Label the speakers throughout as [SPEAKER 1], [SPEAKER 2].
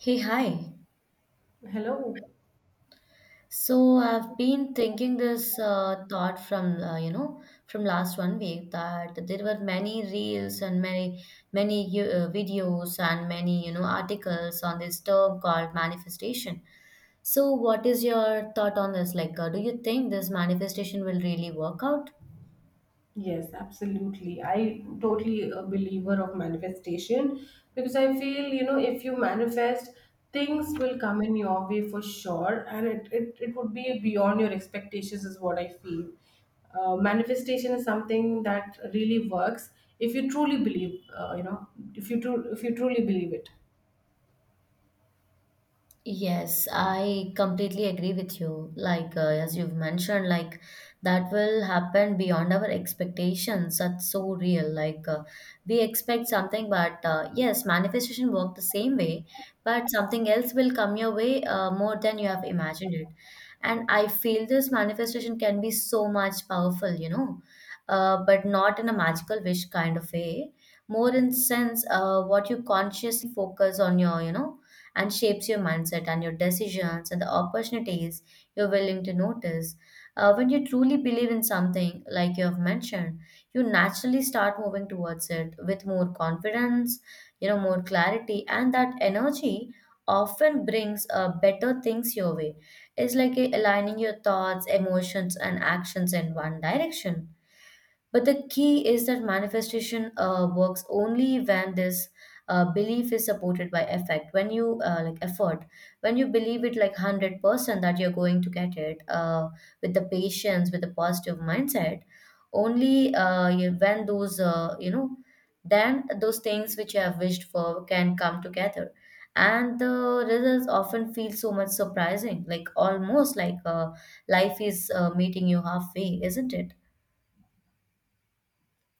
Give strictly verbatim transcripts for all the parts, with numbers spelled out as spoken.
[SPEAKER 1] Hey, hi.
[SPEAKER 2] Hello.
[SPEAKER 1] So I've been thinking this uh, thought from uh, you know from last one week that there were many reels and many many you- uh, videos and many you know articles on this term called manifestation. So what is your thought on this? Like, uh, do you think this manifestation will really work out?
[SPEAKER 2] Yes, absolutely. I totally a believer of manifestation because I feel, you know, if you manifest, things will come in your way for sure, and it it, it would be beyond your expectations is what I feel. Uh, manifestation is something that really works if you truly believe, uh, you know, if you tru- if you truly believe it.
[SPEAKER 1] Yes, I completely agree with you. Like, uh, as you've mentioned, like that will happen beyond our expectations. That's so real. Like, uh, we expect something, but uh, yes, manifestation work the same way, but something else will come your way uh, more than you have imagined it. And I feel this manifestation can be so much powerful, you know, uh, but not in a magical wish kind of way. More in sense, uh, what you consciously focus on your, you know and shapes your mindset and your decisions and the opportunities you're willing to notice. Uh, when you truly believe in something, like you have mentioned, you naturally start moving towards it with more confidence, you know, more clarity, and that energy often brings uh, better things your way. It's like uh, aligning your thoughts, emotions, and actions in one direction, but the key is that manifestation uh, works only when this uh, belief is supported by effect. When you uh, like effort, when you believe it like one hundred percent that you're going to get it, uh, with the patience, with the positive mindset, only uh, you- when those uh, you know, then those things which you have wished for can come together, and the results often feel so much surprising, like almost like uh, life is uh, meeting you halfway, isn't it?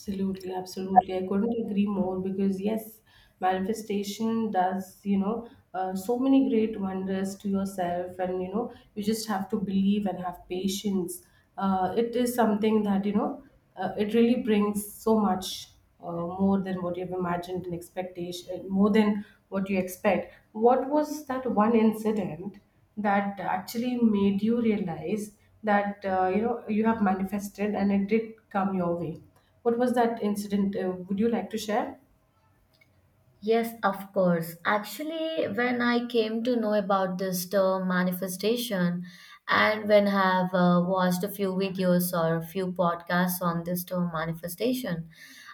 [SPEAKER 2] Absolutely, absolutely. I couldn't agree more because, yes, manifestation does, you know, uh, so many great wonders to yourself, and you know, you just have to believe and have patience. Uh, it is something that, you know, uh, it really brings so much uh, more than what you've imagined and expectation, uh, more than what you expect. What was that one incident that actually made you realize that, uh, you know, you have manifested and it did come your way? What was that incident? Uh, would you like to share?
[SPEAKER 1] Yes, of course. Actually, when I came to know about this term manifestation, and when I have uh, watched a few videos or a few podcasts on this term manifestation,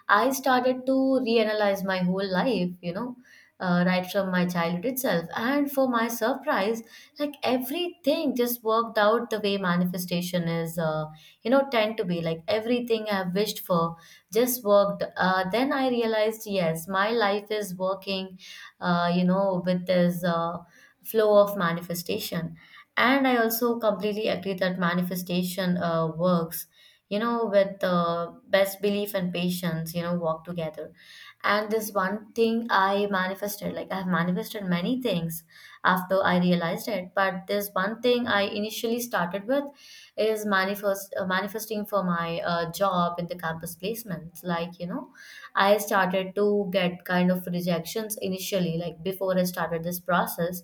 [SPEAKER 1] I started to reanalyze my whole life, you know, uh, right from my childhood itself. And for my surprise, like everything just worked out the way manifestation is, uh, you know, tend to be. Like everything I've wished for just worked. Uh, then i realized, yes, my life is working uh, you know with this uh, flow of manifestation. And i also completely agree that manifestation uh, works, you know with uh, best belief and patience, you know walk together. And this one thing i manifested, like i've manifested many things after i realized it, but this one thing i initially started with is manifest uh, manifesting for my uh, job in the campus placements. Like, you know i started to get kind of rejections initially, like before i started this process.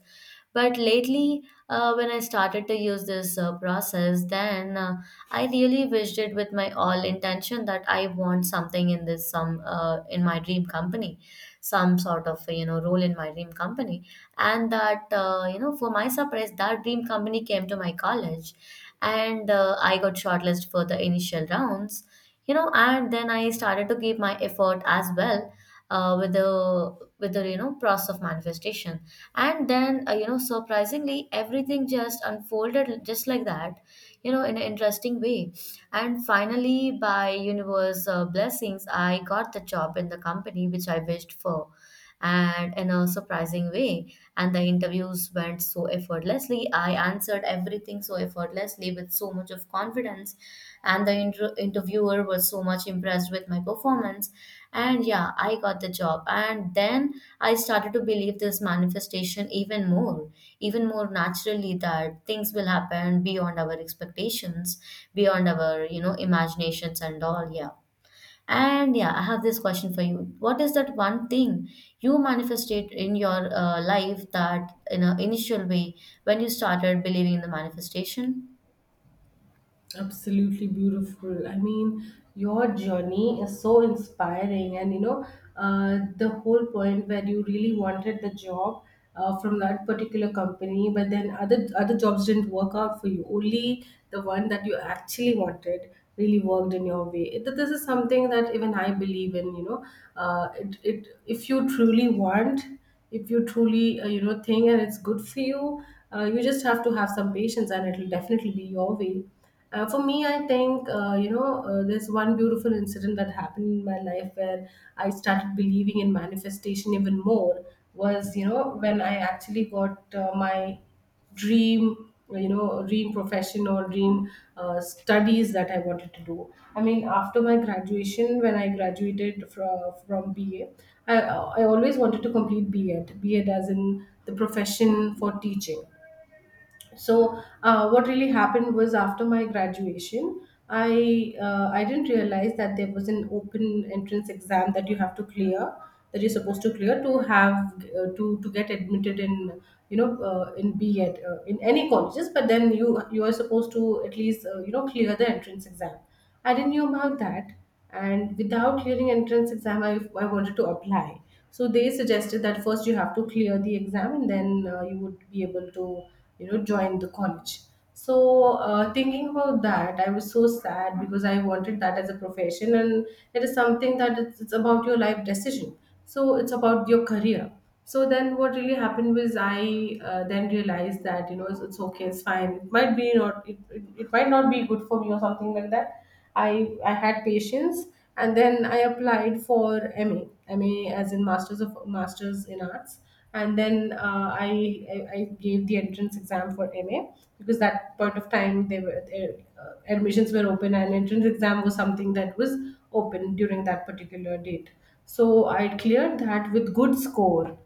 [SPEAKER 1] But lately uh, when i started to use this uh, process, then uh, i really wished it with my all intention that i want something in this some uh, in my dream company, some sort of you know role in my dream company. And that uh, you know for my surprise, that dream company came to my college, and uh, I got shortlisted for the initial rounds. You know, and then I started to give my effort as well uh, with the with the you know process of manifestation. And then uh, you know, surprisingly, everything just unfolded just like that. You know, in an interesting way. And finally, by universe uh, blessings, I got the job in the company which I wished for, and in a surprising way. And the interviews went so effortlessly. I answered everything so effortlessly with so much of confidence, and the inter- interviewer was so much impressed with my performance. And yeah, I got the job. And then I started to believe this manifestation even more, even more naturally, that things will happen beyond our expectations, beyond our, you know, imaginations and all. Yeah. And yeah, I have this question for you. What is that one thing you manifested in your uh, life that in an initial way when you started believing in the manifestation?
[SPEAKER 2] Absolutely beautiful. I mean, your journey is so inspiring, and you know, uh, the whole point where you really wanted the job uh, from that particular company, but then other other jobs didn't work out for you. Only the one that you actually wanted really worked in your way. It- This is something that even I believe in. You know, uh, it, it if you truly want, if you truly uh, you know think and it's good for you, uh, you just have to have some patience, and it'll definitely be your way. Uh, for me, I think, uh, you know, uh, there's one beautiful incident that happened in my life where I started believing in manifestation even more was, you know, when I actually got uh, my dream, you know, dream profession or dream uh, studies that I wanted to do. I mean, after my graduation, when I graduated from, from B A, I, I always wanted to complete B.Ed, B.Ed as in the profession for teaching. So uh, what really happened was, after my graduation, i uh, I didn't realize that there was an open entrance exam that you have to clear, that you're supposed to clear to have uh, to to get admitted in, you know, uh, in B at uh, in any colleges. But then you you are supposed to at least uh, you know clear the entrance exam. I didn't know about that, and without clearing entrance exam i, I wanted to apply. So they suggested that first you have to clear the exam, and then uh, you would be able to, you know, join the college. So uh, thinking about that, I was so sad because I wanted that as a profession, and it is something that it's, it's about your life decision, so it's about your career. So then what really happened was, I uh, then realized that, you know, it's, it's okay, it's fine, it might be not it, it, it might not be good for me or something like that. I I had patience, and then I applied for M A, M A as in Masters of Masters in Arts. And then uh, I, I I gave the entrance exam for M A, because that point of time they were they, uh, admissions were open and entrance exam was something that was open during that particular date. So I cleared that with good score.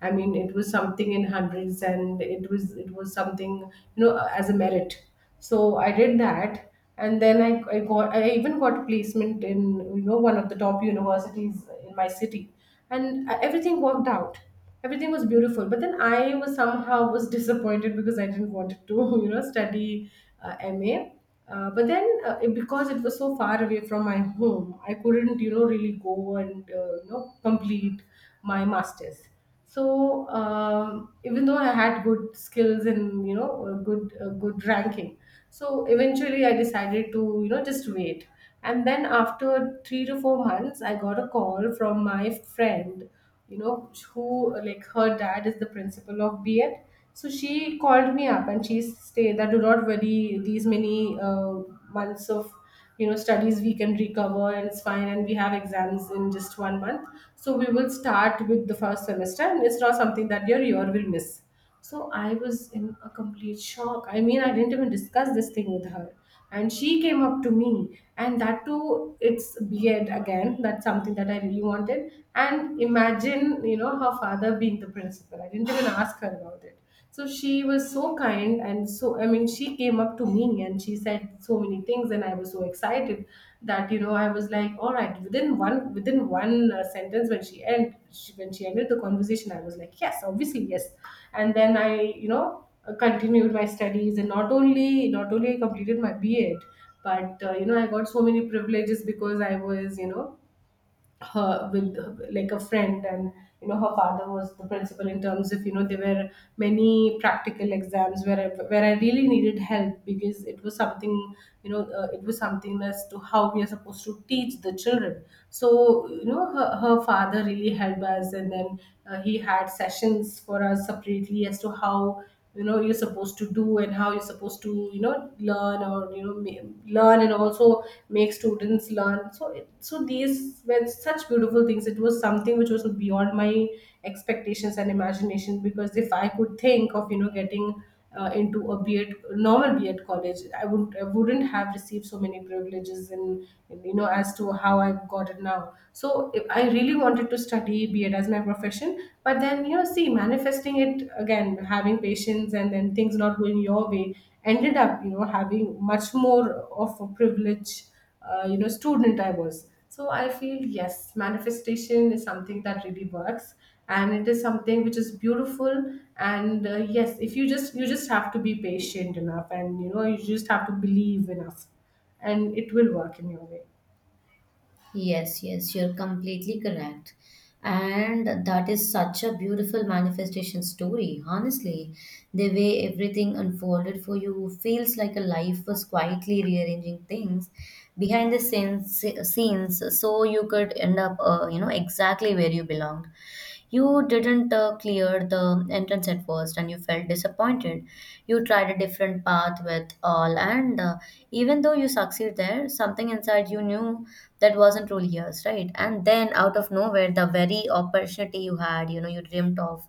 [SPEAKER 2] I mean, it was something in hundreds, and it was it was something, you know, as a merit. So I did that, and then I, I got I even got placement in, you know, one of the top universities in my city, and uh, everything worked out. Everything was beautiful, but then I was somehow was disappointed because I didn't want to you know study uh, M A. Uh, but then, uh, it- because it was so far away from my home, I couldn't, you know, really go and uh, you know complete my masters. So um, even though I had good skills and you know a good a good ranking, so eventually I decided to, you know, just wait. And then after three to four months I got a call from my friend, you know, who, like, her dad is the principal of B.Ed. So she called me up and she said that, do not worry, these many uh, months of, you know, studies we can recover, and it's fine, and we have exams in just one month, so we will start with the first semester, and it's not something that your year will miss. So I was in a complete shock. I mean, I didn't even discuss this thing with her, and she came up to me, and that too, it's beard again, that's something that I really wanted. And imagine, you know, her father being the principal, I didn't even ask her about about it. So she was so kind, and so, I mean, she came up to me and she said so many things, and I was so excited that, you know, I was like, all right, within one within one uh, sentence, when she end she, when she ended the conversation, I was like, yes, obviously yes. And then I, you know, uh, continued my studies, and not only not only I completed my B.Ed, but uh, you know, I got so many privileges because I was, you know, her with, like, a friend, and you know her father was the principal, in terms of, you know, there were many practical exams where I, where I really needed help because it was something, you know, uh, it was something as to how we are supposed to teach the children. So you know her, her father really helped us, and then uh, he had sessions for us separately as to how, you know, you're supposed to do, and how you're supposed to, you know, learn, or you know ma- learn and also make students learn. So it, so these were such beautiful things. It was something which was beyond my expectations and imagination, because if I could think of, you know, getting uh, into a B.Ed, normal B.Ed college, I would I wouldn't have received so many privileges in in, you know, as to how I got it now. So if I really wanted to study B.Ed as my profession, but then, you know, see manifesting it again, having patience, and then things not going your way ended up, you know, having much more of a privilege uh, you know student I was. So I feel yes, manifestation is something that really works, and it is something which is beautiful. And uh, yes, if you just, you just have to be patient enough, and you know, you just have to believe enough, and it will work in your way.
[SPEAKER 1] Yes, yes, you're completely correct. And that is such a beautiful manifestation story, honestly. The way everything unfolded for you feels like a life was quietly rearranging things behind the scenes, scenes so you could end up, uh, you know, exactly where you belonged. You didn't uh, clear the entrance at first, and you felt disappointed. You tried a different path with all, and uh, even though you succeed there, something inside you knew that wasn't truly yours, right? And then out of nowhere, the very opportunity you had, you know, you dreamt of,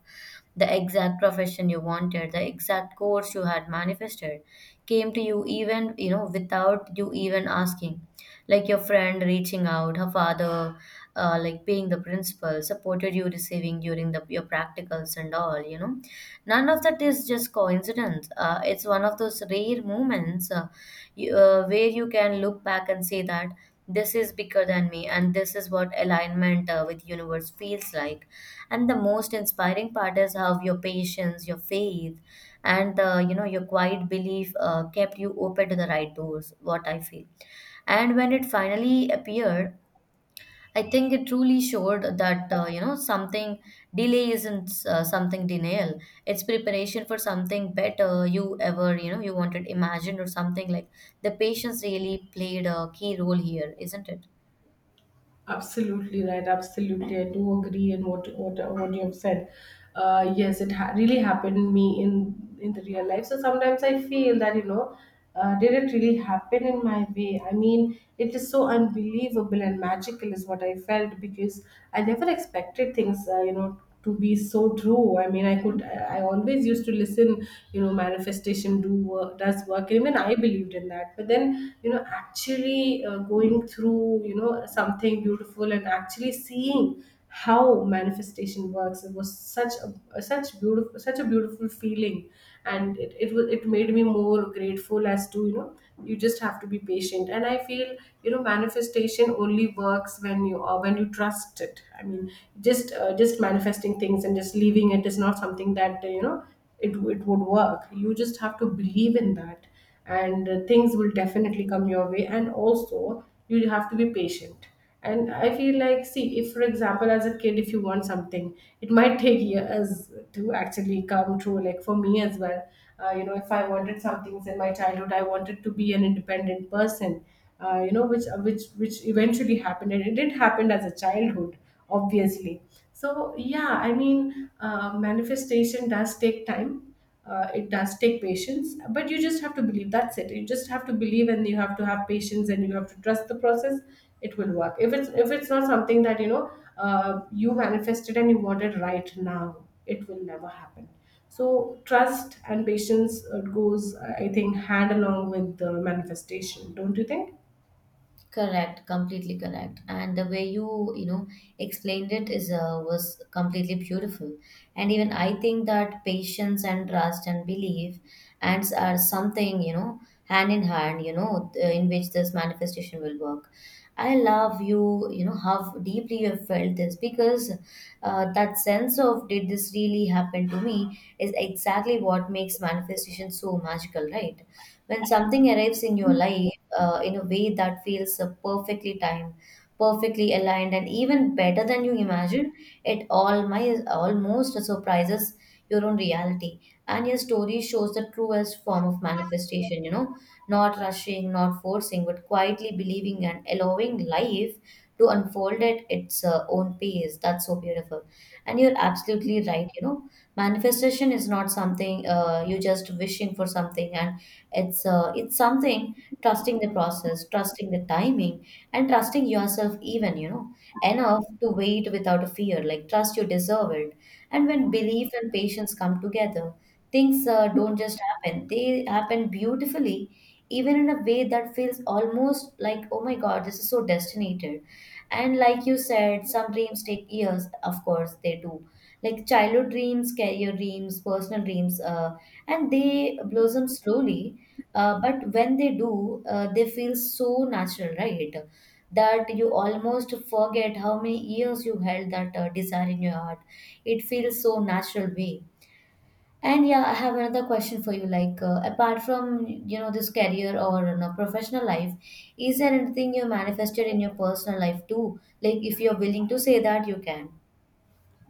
[SPEAKER 1] the exact profession you wanted, the exact course you had manifested came to you, even you know without you even asking, like your friend reaching out her father, uh, like paying the principal, supported you receiving during the your practicals and all, you know. None of that is just coincidence. Uh, it's one of those rare moments uh, you, uh, where you can look back and say that this is bigger than me, and this is what alignment uh, with universe feels like. And the most inspiring part is how your patience, your faith, and uh, you know your quiet belief uh, kept you open to the right doors, what i feel. And when it finally appeared, I think it truly showed that uh, you know something delay isn't uh, something denial. It's preparation for something better you ever you know you wanted imagined or something like. The patience really played a key role here, isn't it?
[SPEAKER 2] Absolutely right. Absolutely, I do agree in what what what you have said. Uh, yes, it ha- really happened me in in the real life. So sometimes I feel that, you know, uh, did it really happen in my way? I mean, it is so unbelievable and magical is what I felt, because I never expected things. Uh, you know, to be so true. I mean, I could I I always used to listen, you know, manifestation do work does work, and even I believed in that. But then, you know, actually uh, going through, you know, something beautiful and actually seeing how manifestation works, it was such a, such beautiful such a beautiful feeling. And it, it was, it made me more grateful as to, you know, you just have to be patient. And I feel, you know, manifestation only works when you are, when you trust it. It i mean just uh, just manifesting things and just leaving it is not something that, uh, you know, it, it would work. You just have to believe in that, and uh, things will definitely come your way. And also, you have to be patient. And I feel like, see, if, for example, as a kid, if you want something, it might take years to actually come true. Like for me as well, uh, you know, if I wanted something in my childhood, I wanted to be an independent person, uh, you know, which uh, which which eventually happened, and it did happen as a childhood, obviously. So yeah, I mean, uh, manifestation does take time. Uh, it does take patience, but you just have to believe. That's it. You just have to believe, and you have to have patience, and you have to trust the process. It will work. If it's, if it's not something that, you know, uh, you manifested and you want it right now, it will never happen. So trust and patience uh, goes, I think, hand along with the manifestation, don't you think?
[SPEAKER 1] Correct, completely correct. And the way you, you know, explained it is uh, was completely beautiful. And even I think that patience and trust and belief and s- are something, you know, hand in hand, you know, th- uh, in which this manifestation will work. I love you, you know, how deeply you have felt this, because uh, that sense of did this really happen to me is exactly what makes manifestation so magical, right? When something arrives in your life, uh, in a way that feels uh, perfectly timed, perfectly aligned, and even better than you imagine. It all my almost surprises your own reality. And your story shows the truest form of manifestation, you know, not rushing, not forcing, but quietly believing and allowing life to unfold at its uh, own pace. That's so beautiful. And you're absolutely right, you know, manifestation is not something uh, you just wishing for something, and it's uh, it's something trusting the process, trusting the timing, and trusting yourself even, you know, enough to wait without a fear. Like trust you deserve it. And when belief and patience come together, things uh, don't just happen. They happen beautifully, even in a way that feels almost like, oh my God, this is so destinated. And like you said, some dreams take years. Of course, they do. Like childhood dreams, career dreams, personal dreams, uh, and they blossom slowly, uh, but when they do, uh, they feel so natural, right, that you almost forget how many years you held that uh, desire in your heart. It feels so natural way. And yeah, i have another question for you. Like, uh, apart from you know this career or you know, professional life, is there anything you manifested in your personal life too? Like, if you're willing to say, that you can.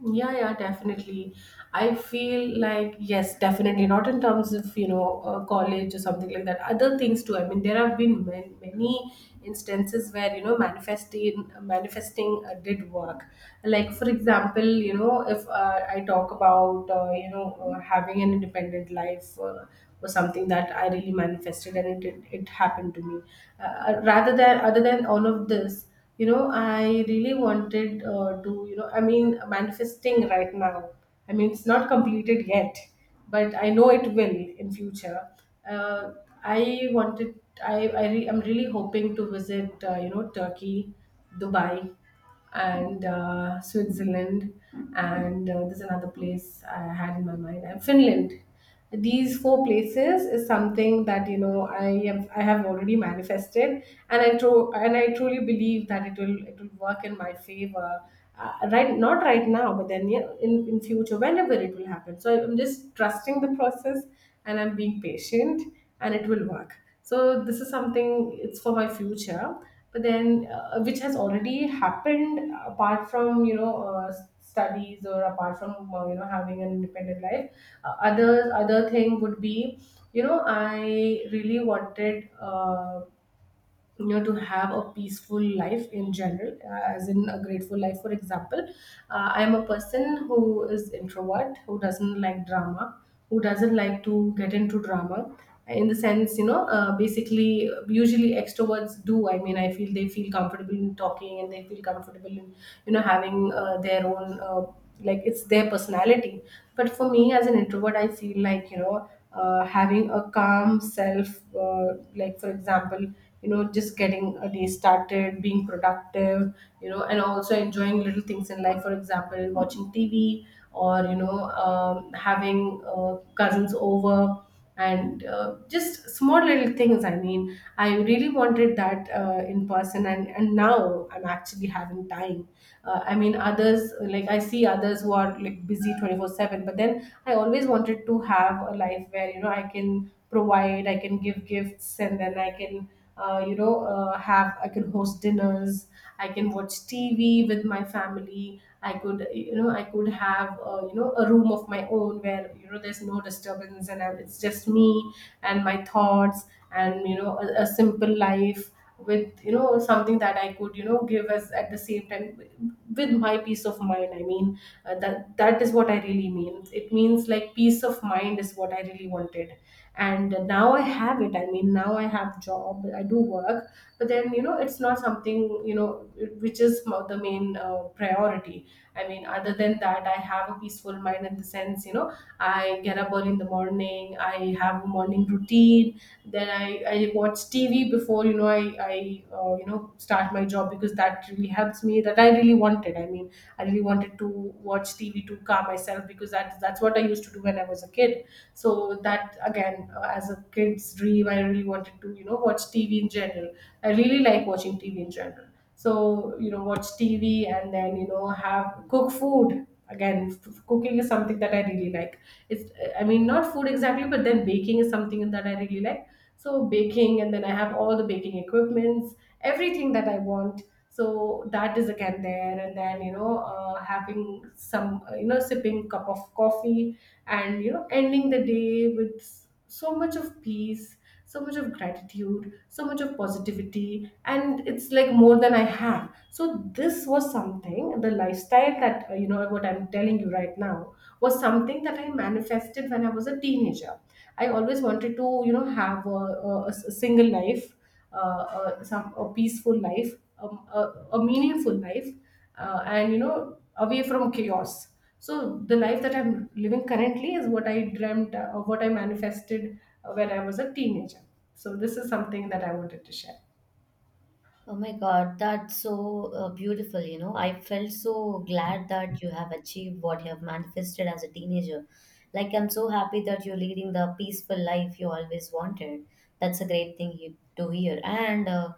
[SPEAKER 2] Yeah, yeah, definitely. I feel like, yes, definitely, not in terms of, you know, uh, college or something like that. Other things too. I mean, there have been man- many instances where, you know, manifesting, manifesting uh, did work. Like, for example, you know, if uh, I talk about, uh, you know, uh, having an independent life uh, was something that I really manifested and it, it, it happened to me. Uh, rather than, other than all of this, you know, I really wanted uh, to, you know, I mean, manifesting right now, I mean it's not completed yet, but I know it will in future. uh, I wanted, i i re- I'm really hoping to visit, uh, you know, Turkey, Dubai, and uh, Switzerland, and uh, there's another place I had in my mind, and Finland. These four places is something that, you know, I have I have already manifested, and I tro- and I truly believe that it will it will work in my favor. Uh, right, not right now, but then yeah, in in future, whenever it will happen. So I'm just trusting the process, and I'm being patient, and it will work. So this is something, it's for my future, but then uh, which has already happened apart from, you know, uh, studies, or apart from, uh, you know, having an independent life. Uh, other other thing would be, you know, I really wanted, uh, you know, to have a peaceful life in general, uh, as in a grateful life, for example. uh, I am a person who is introvert, who doesn't like drama, who doesn't like to get into drama, in the sense, you know, uh, basically usually extroverts do. I mean, I feel they feel comfortable in talking, and they feel comfortable in, you know, having uh, their own uh, like it's their personality. But for me as an introvert, I feel like, you know, uh, having a calm self, uh, like for example, you know, just getting a day started, being productive, you know, and also enjoying little things in life. For example, watching TV, or, you know, um, having uh, cousins over, and uh, just small little things. I mean, I really wanted that uh, in person, and and now I'm actually having time. uh, I mean, others, like I see others who are like busy twenty four seven, but then I always wanted to have a life where, you know, I can provide, I can give gifts, and then I can, uh, you know, uh, have I can host dinners. I can watch T V with my family. I could, you know, I could have, uh, you know, a room of my own where, you know, there's no disturbance, and I, it's just me and my thoughts, and, you know, a, a simple life, with, you know, something that I could, you know, give, as at the same time, with my peace of mind. I mean, uh, that that is what I really mean. It means like peace of mind is what I really wanted, and now I have it. I mean, now I have job, I do work, but then, you know, it's not something, you know, which is mo- the main uh, priority. I mean, other than that, I have a peaceful mind, in the sense, you know, I get up early in the morning, I have a morning routine, then i I watch TV before, you know, I I uh, you know, start my job, because that really helps me, that I really wanted. I mean, I really wanted to watch TV to calm myself, because that that's what I used to do when I was a kid. So that again, uh, as a kid's dream, I really wanted to, you know, watch TV in general. I really like watching TV in general. So, you know, watch TV, and then, you know, have, cook food. Again, f- cooking is something that I really like. It's, I mean, not food exactly, but then baking is something that I really like. So baking, and then I have all the baking equipments, everything that I want. So that is again there, and then, you know, uh, having some, uh, you know, sipping cup of coffee, and, you know, ending the day with s- so much of peace, so much of gratitude, so much of positivity, and it's like more than I have. So this was something, the lifestyle that, uh, you know, what I'm telling you right now, was something that I manifested when I was a teenager. I always wanted to, you know, have a, a- a s- a single life, uh, a, some a peaceful life, um, a, a meaningful life, uh, and, you know, away from chaos. So the life that I'm living currently is what I dreamt, uh, what I manifested uh, when I was a teenager. So this is something that I wanted to share.
[SPEAKER 1] Oh my God, that's so uh, beautiful. You know, I felt so glad that you have achieved what you have manifested as a teenager. Like, I'm so happy that you're leading the peaceful life you always wanted. That's a great thing you, to hear. And uh,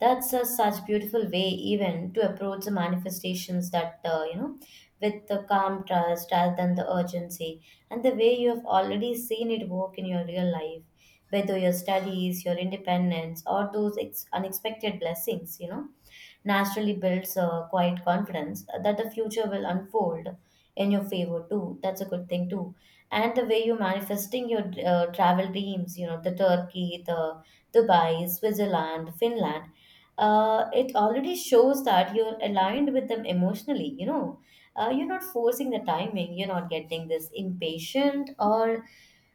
[SPEAKER 1] that's a, such beautiful way, even to approach the manifestations that, uh, you know, with the calm trust rather than the urgency. And the way you have already seen it work in your real life, whether your studies, your independence, or those ex- unexpected blessings, you know, naturally builds a quiet confidence that the future will unfold in your favor too. That's a good thing too. And the way you're manifesting your uh, travel dreams, you know, the Turkey, the Dubai, Switzerland, Finland, uh, it already shows that you're aligned with them emotionally. You know, uh, you're not forcing the timing. You're not getting this impatient or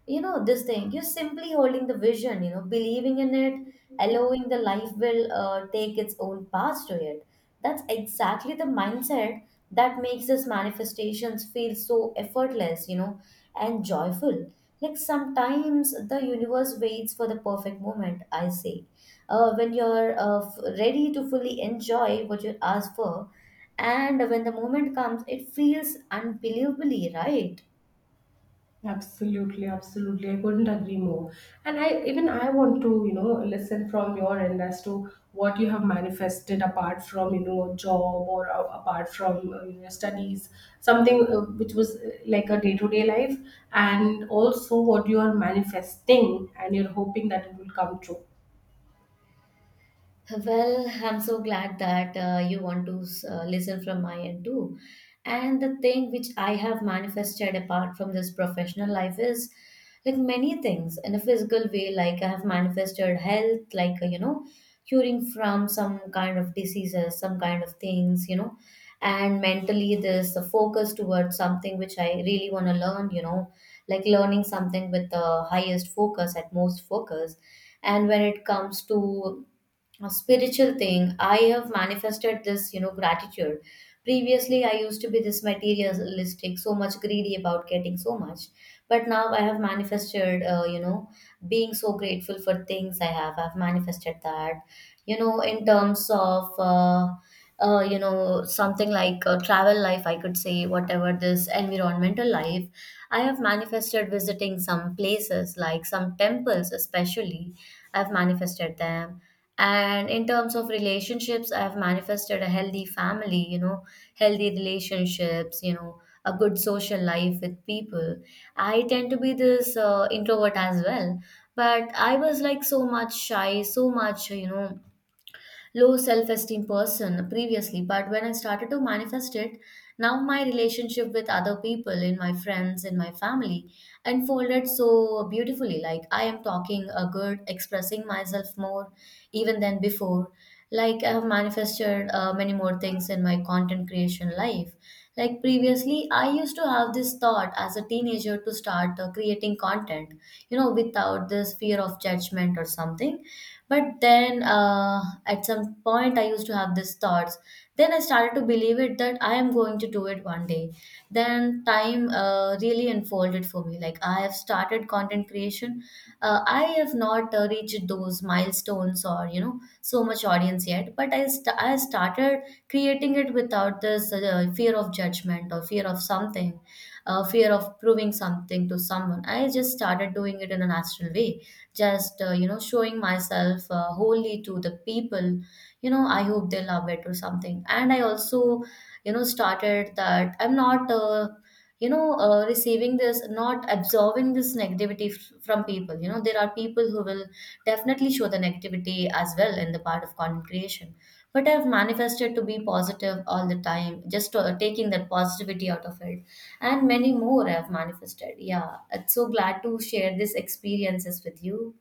[SPEAKER 1] you know this thing. You're simply holding the vision, you know believing in it, allowing the life will uh, take its own path to it. That's exactly the mindset that makes these manifestations feel so effortless, you know, and joyful. Like sometimes the universe waits for the perfect moment, I say. Uh, when you're uh, f- ready to fully enjoy what you ask for, and when the moment comes, it feels unbelievably right.
[SPEAKER 2] Absolutely, absolutely. I couldn't agree more. And I even I want to, you know, listen from your end as to what you have manifested apart from, you know, job, or uh, apart from, uh, you know, studies, something uh, which was uh, like a day-to-day life, and also what you are manifesting and you're hoping that it will come true.
[SPEAKER 1] Well, I'm so glad that uh, you want to uh, listen from my end too. And the thing which I have manifested apart from this professional life is like many things in a physical way. Like I have manifested health, like uh, you know, curing from some kind of diseases, some kind of things, you know, and mentally this focus towards something which I really want to learn, you know, like learning something with the highest focus, at most focus. And when it comes to a spiritual thing, I have manifested this you know gratitude Previously I used to be this materialistic, so much greedy about getting so much, but now I have manifested uh, you know being so grateful for things I have. I've manifested that. You know in terms of uh, uh, you know something like uh, travel life, I could say, whatever, this environmental life, I have manifested visiting some places, like some temples especially. I've manifested them. And in terms of relationships, I've manifested a healthy family you know healthy relationships you know a good social life with people. I tend to be this uh, introvert as well, but I was like so much shy, so much, you know low self esteem person previously. But when I started to manifest it, now my relationship with other people, in my friends, in my family, unfolded so beautifully. Like, I am talking a good, expressing myself more even than before. Like, I have manifested uh, many more things in my content creation life. Like previously, I used to have this thought as a teenager to start uh, creating content, you know, without this fear of judgment or something. But then uh, at some point, I used to have these thoughts. Then I started to believe it, that I am going to do it one day. Then time uh, really unfolded for me. Like, I have started content creation. Uh, I have not uh, reached those milestones or, you know, so much audience yet. But I, st- I started creating it without this uh, fear of judgment or fear of something, uh, fear of proving something to someone. I just started doing it in a natural way, just uh, you know showing myself uh, wholly to the people. You know, I hope they love it or something. And I also, you know, started that I'm not uh, you know uh, receiving this, not absorbing this negativity f- from people. You know, there are people who will definitely show the negativity as well in the part of content creation, but I've manifested to be positive all the time, just uh, taking that positivity out of it. And many more I've manifested. Yeah, I'm so glad to share these experiences with you.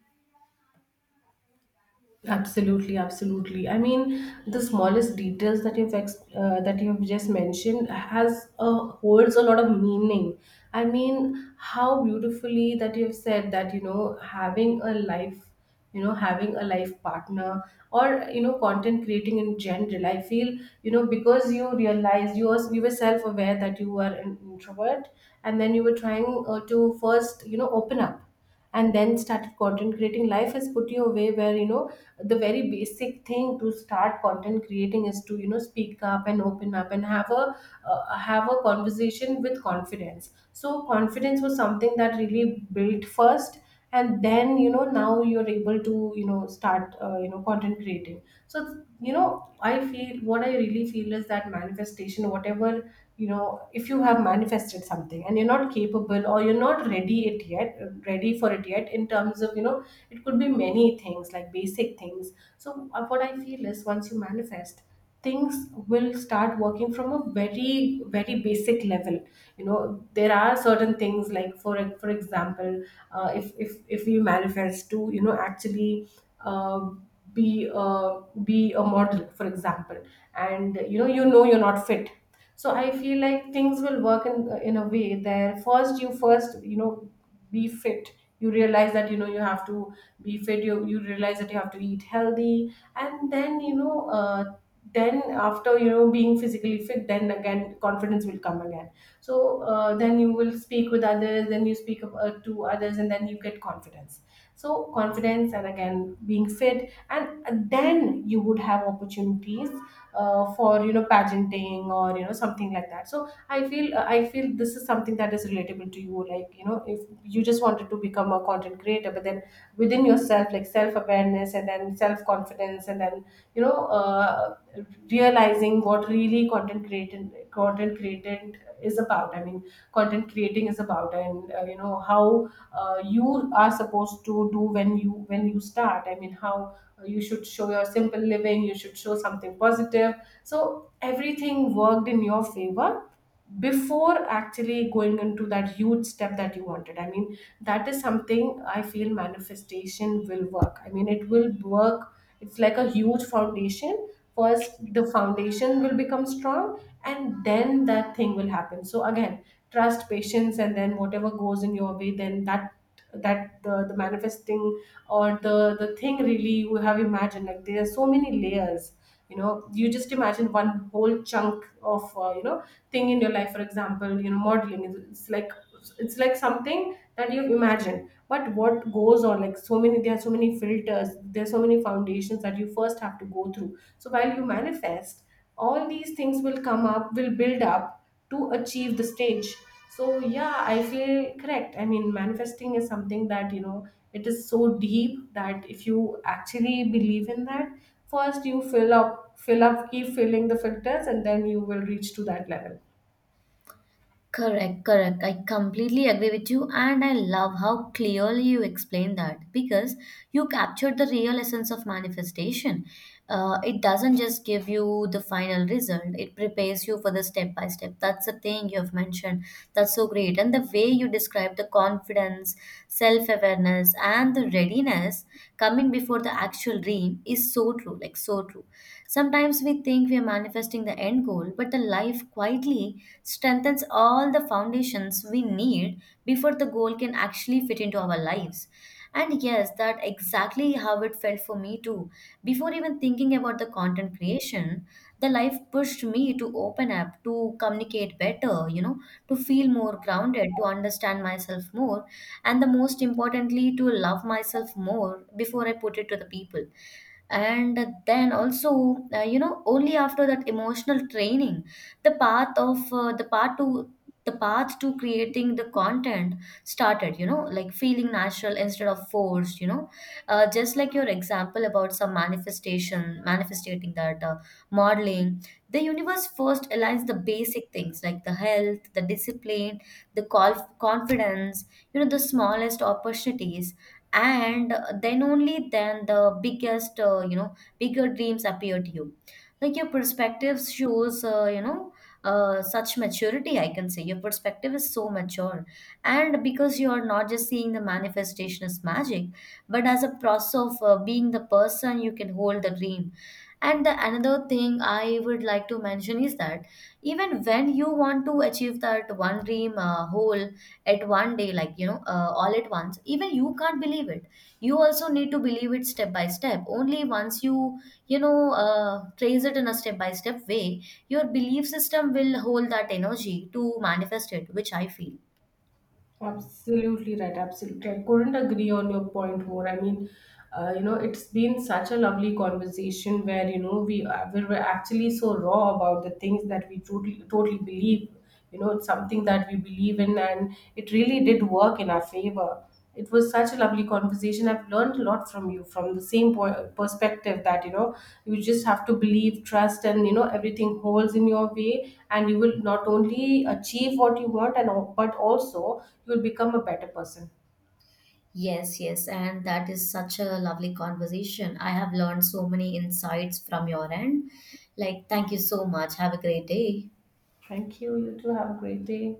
[SPEAKER 2] Absolutely, absolutely. I mean, the smallest details that you've ex- uh, that you've just mentioned has a, holds a lot of meaning. I mean, how beautifully that you've said that, you know, having a life, you know, having a life partner, or, you know, content creating in general. I feel, you know, because you realize you was you were self aware that you were an introvert, and then you were trying, uh, to first, you know, open up, and then started content creating. Life has put you away where, you know, the very basic thing to start content creating is to, you know, speak up and open up and have a, uh, have a conversation with confidence. So confidence was something that really built first, and then, you know, now you're able to, you know, start, uh, you know, content creating. So, you know, I feel, what I really feel is that, manifestation, whatever, you know, if you have manifested something and you're not capable or you're not ready it yet ready for it yet, in terms of, you know, it could be many things, like basic things. So uh, what I feel is, once you manifest, things will start working from a very, very basic level. You know, there are certain things, like, for for example, uh, if if if we manifest to, you know, actually, uh, be uh, be a model, for example, and, you know, you know, you're not fit. So I feel like things will work in in a way there. First you first, you know, be fit. You realize that, you know, you have to be fit. You, you realize that you have to eat healthy, and then, you know, uh, then after, you know, being physically fit, then again confidence will come again. So uh, then you will speak with others, then you speak of- uh, to others, and then you get confidence. So confidence and again being fit, and uh, then you would have opportunities, uh, for, you know, pageanting or, you know, something like that. So I feel, uh, I feel, this is something that is relatable to you, like, you know, if you just wanted to become a content creator, but then within yourself, like self awareness, and then self confidence, and then, you know, uh, realizing what really content creating content creating is about. I mean, content creating is about and uh, you know, how, uh, you are supposed to do when you when you start. I mean, how, uh, you should show your simple living, you should show something positive. So everything worked in your favor before actually going into that huge step that you wanted. I mean, that is something, I feel manifestation will work. I mean, it will work. It's like a huge foundation. First, the foundation will become strong, and then that thing will happen. So again, trust, patience, and then whatever goes in your way, then that, that the, the manifesting, or the the thing really you have imagined. Like, there are so many layers, you know, you just imagine one whole chunk of, uh, you know, thing in your life. For example, you know, modeling is- it's like, it's like something that you've imagined, but what goes on, like so many, there are so many filters, there's so many foundations that you first have to go through. So while you manifest, all these things will come up, will build up to achieve the stage. So yeah, I feel correct. I mean, manifesting is something that, you know, it is so deep that if you actually believe in that, first you fill up, fill up, keep filling the filters, and then you will reach to that level.
[SPEAKER 1] Correct, correct. I completely agree with you, and I love how clearly you explain that, because you captured the real essence of manifestation. Uh, it doesn't just give you the final result, it prepares you for the step by step. That's the thing you have mentioned. That's so great. And the way you describe the confidence, self awareness, and the readiness coming before the actual dream is so true, like so true. Sometimes we think we are manifesting the end goal, but the life quietly strengthens all the foundations we need before the goal can actually fit into our lives. And yes, that exactly how it felt for me too. Before even thinking about the content creation, the life pushed me to open up, to communicate better, you know, to feel more grounded, to understand myself more, and the most importantly, to love myself more before I put it to the people. And then also, uh, you know only after that emotional training, the path of uh, the path to the path to creating the content started, you know, like feeling natural instead of forced. You know, uh, just like your example about some manifestation manifesting that uh, modeling, the universe first aligns the basic things, like the health, the discipline, the call confidence, you know, the smallest opportunities, and then only then the biggest, uh, you know bigger dreams appear to you. Like, your perspective shows, uh, you know uh, such maturity, I can say, your perspective is so mature, and because you are not just seeing the manifestation as magic, but as a process of uh, being the person you can hold the dream. And the another thing I would like to mention is that even when you want to achieve that one dream uh, whole at one day, like, you know, uh, all at once, even you can't believe it, you also need to believe it step by step. Only once you, you know uh, trace it in a step by step way, your belief system will hold that energy to manifest it, which I feel.
[SPEAKER 2] Absolutely right. Absolutely. I couldn't agree on your point more. I mean, uh, you know, it's been such a lovely conversation where, you know, we, uh, we were actually so raw about the things that we totally, totally believe. You know, it's something that we believe in, and it really did work in our favor. It was such a lovely conversation. I've learned a lot from you, from the same po- perspective, that, you know, you just have to believe, trust, and, you know, everything holds in your way, and you will not only achieve what you want, and al- but also you will become a better person.
[SPEAKER 1] Yes, yes, and that is such a lovely conversation. I have learned so many insights from your end. Like, thank you so much. Have a great day.
[SPEAKER 2] Thank you. You too. Have a great day.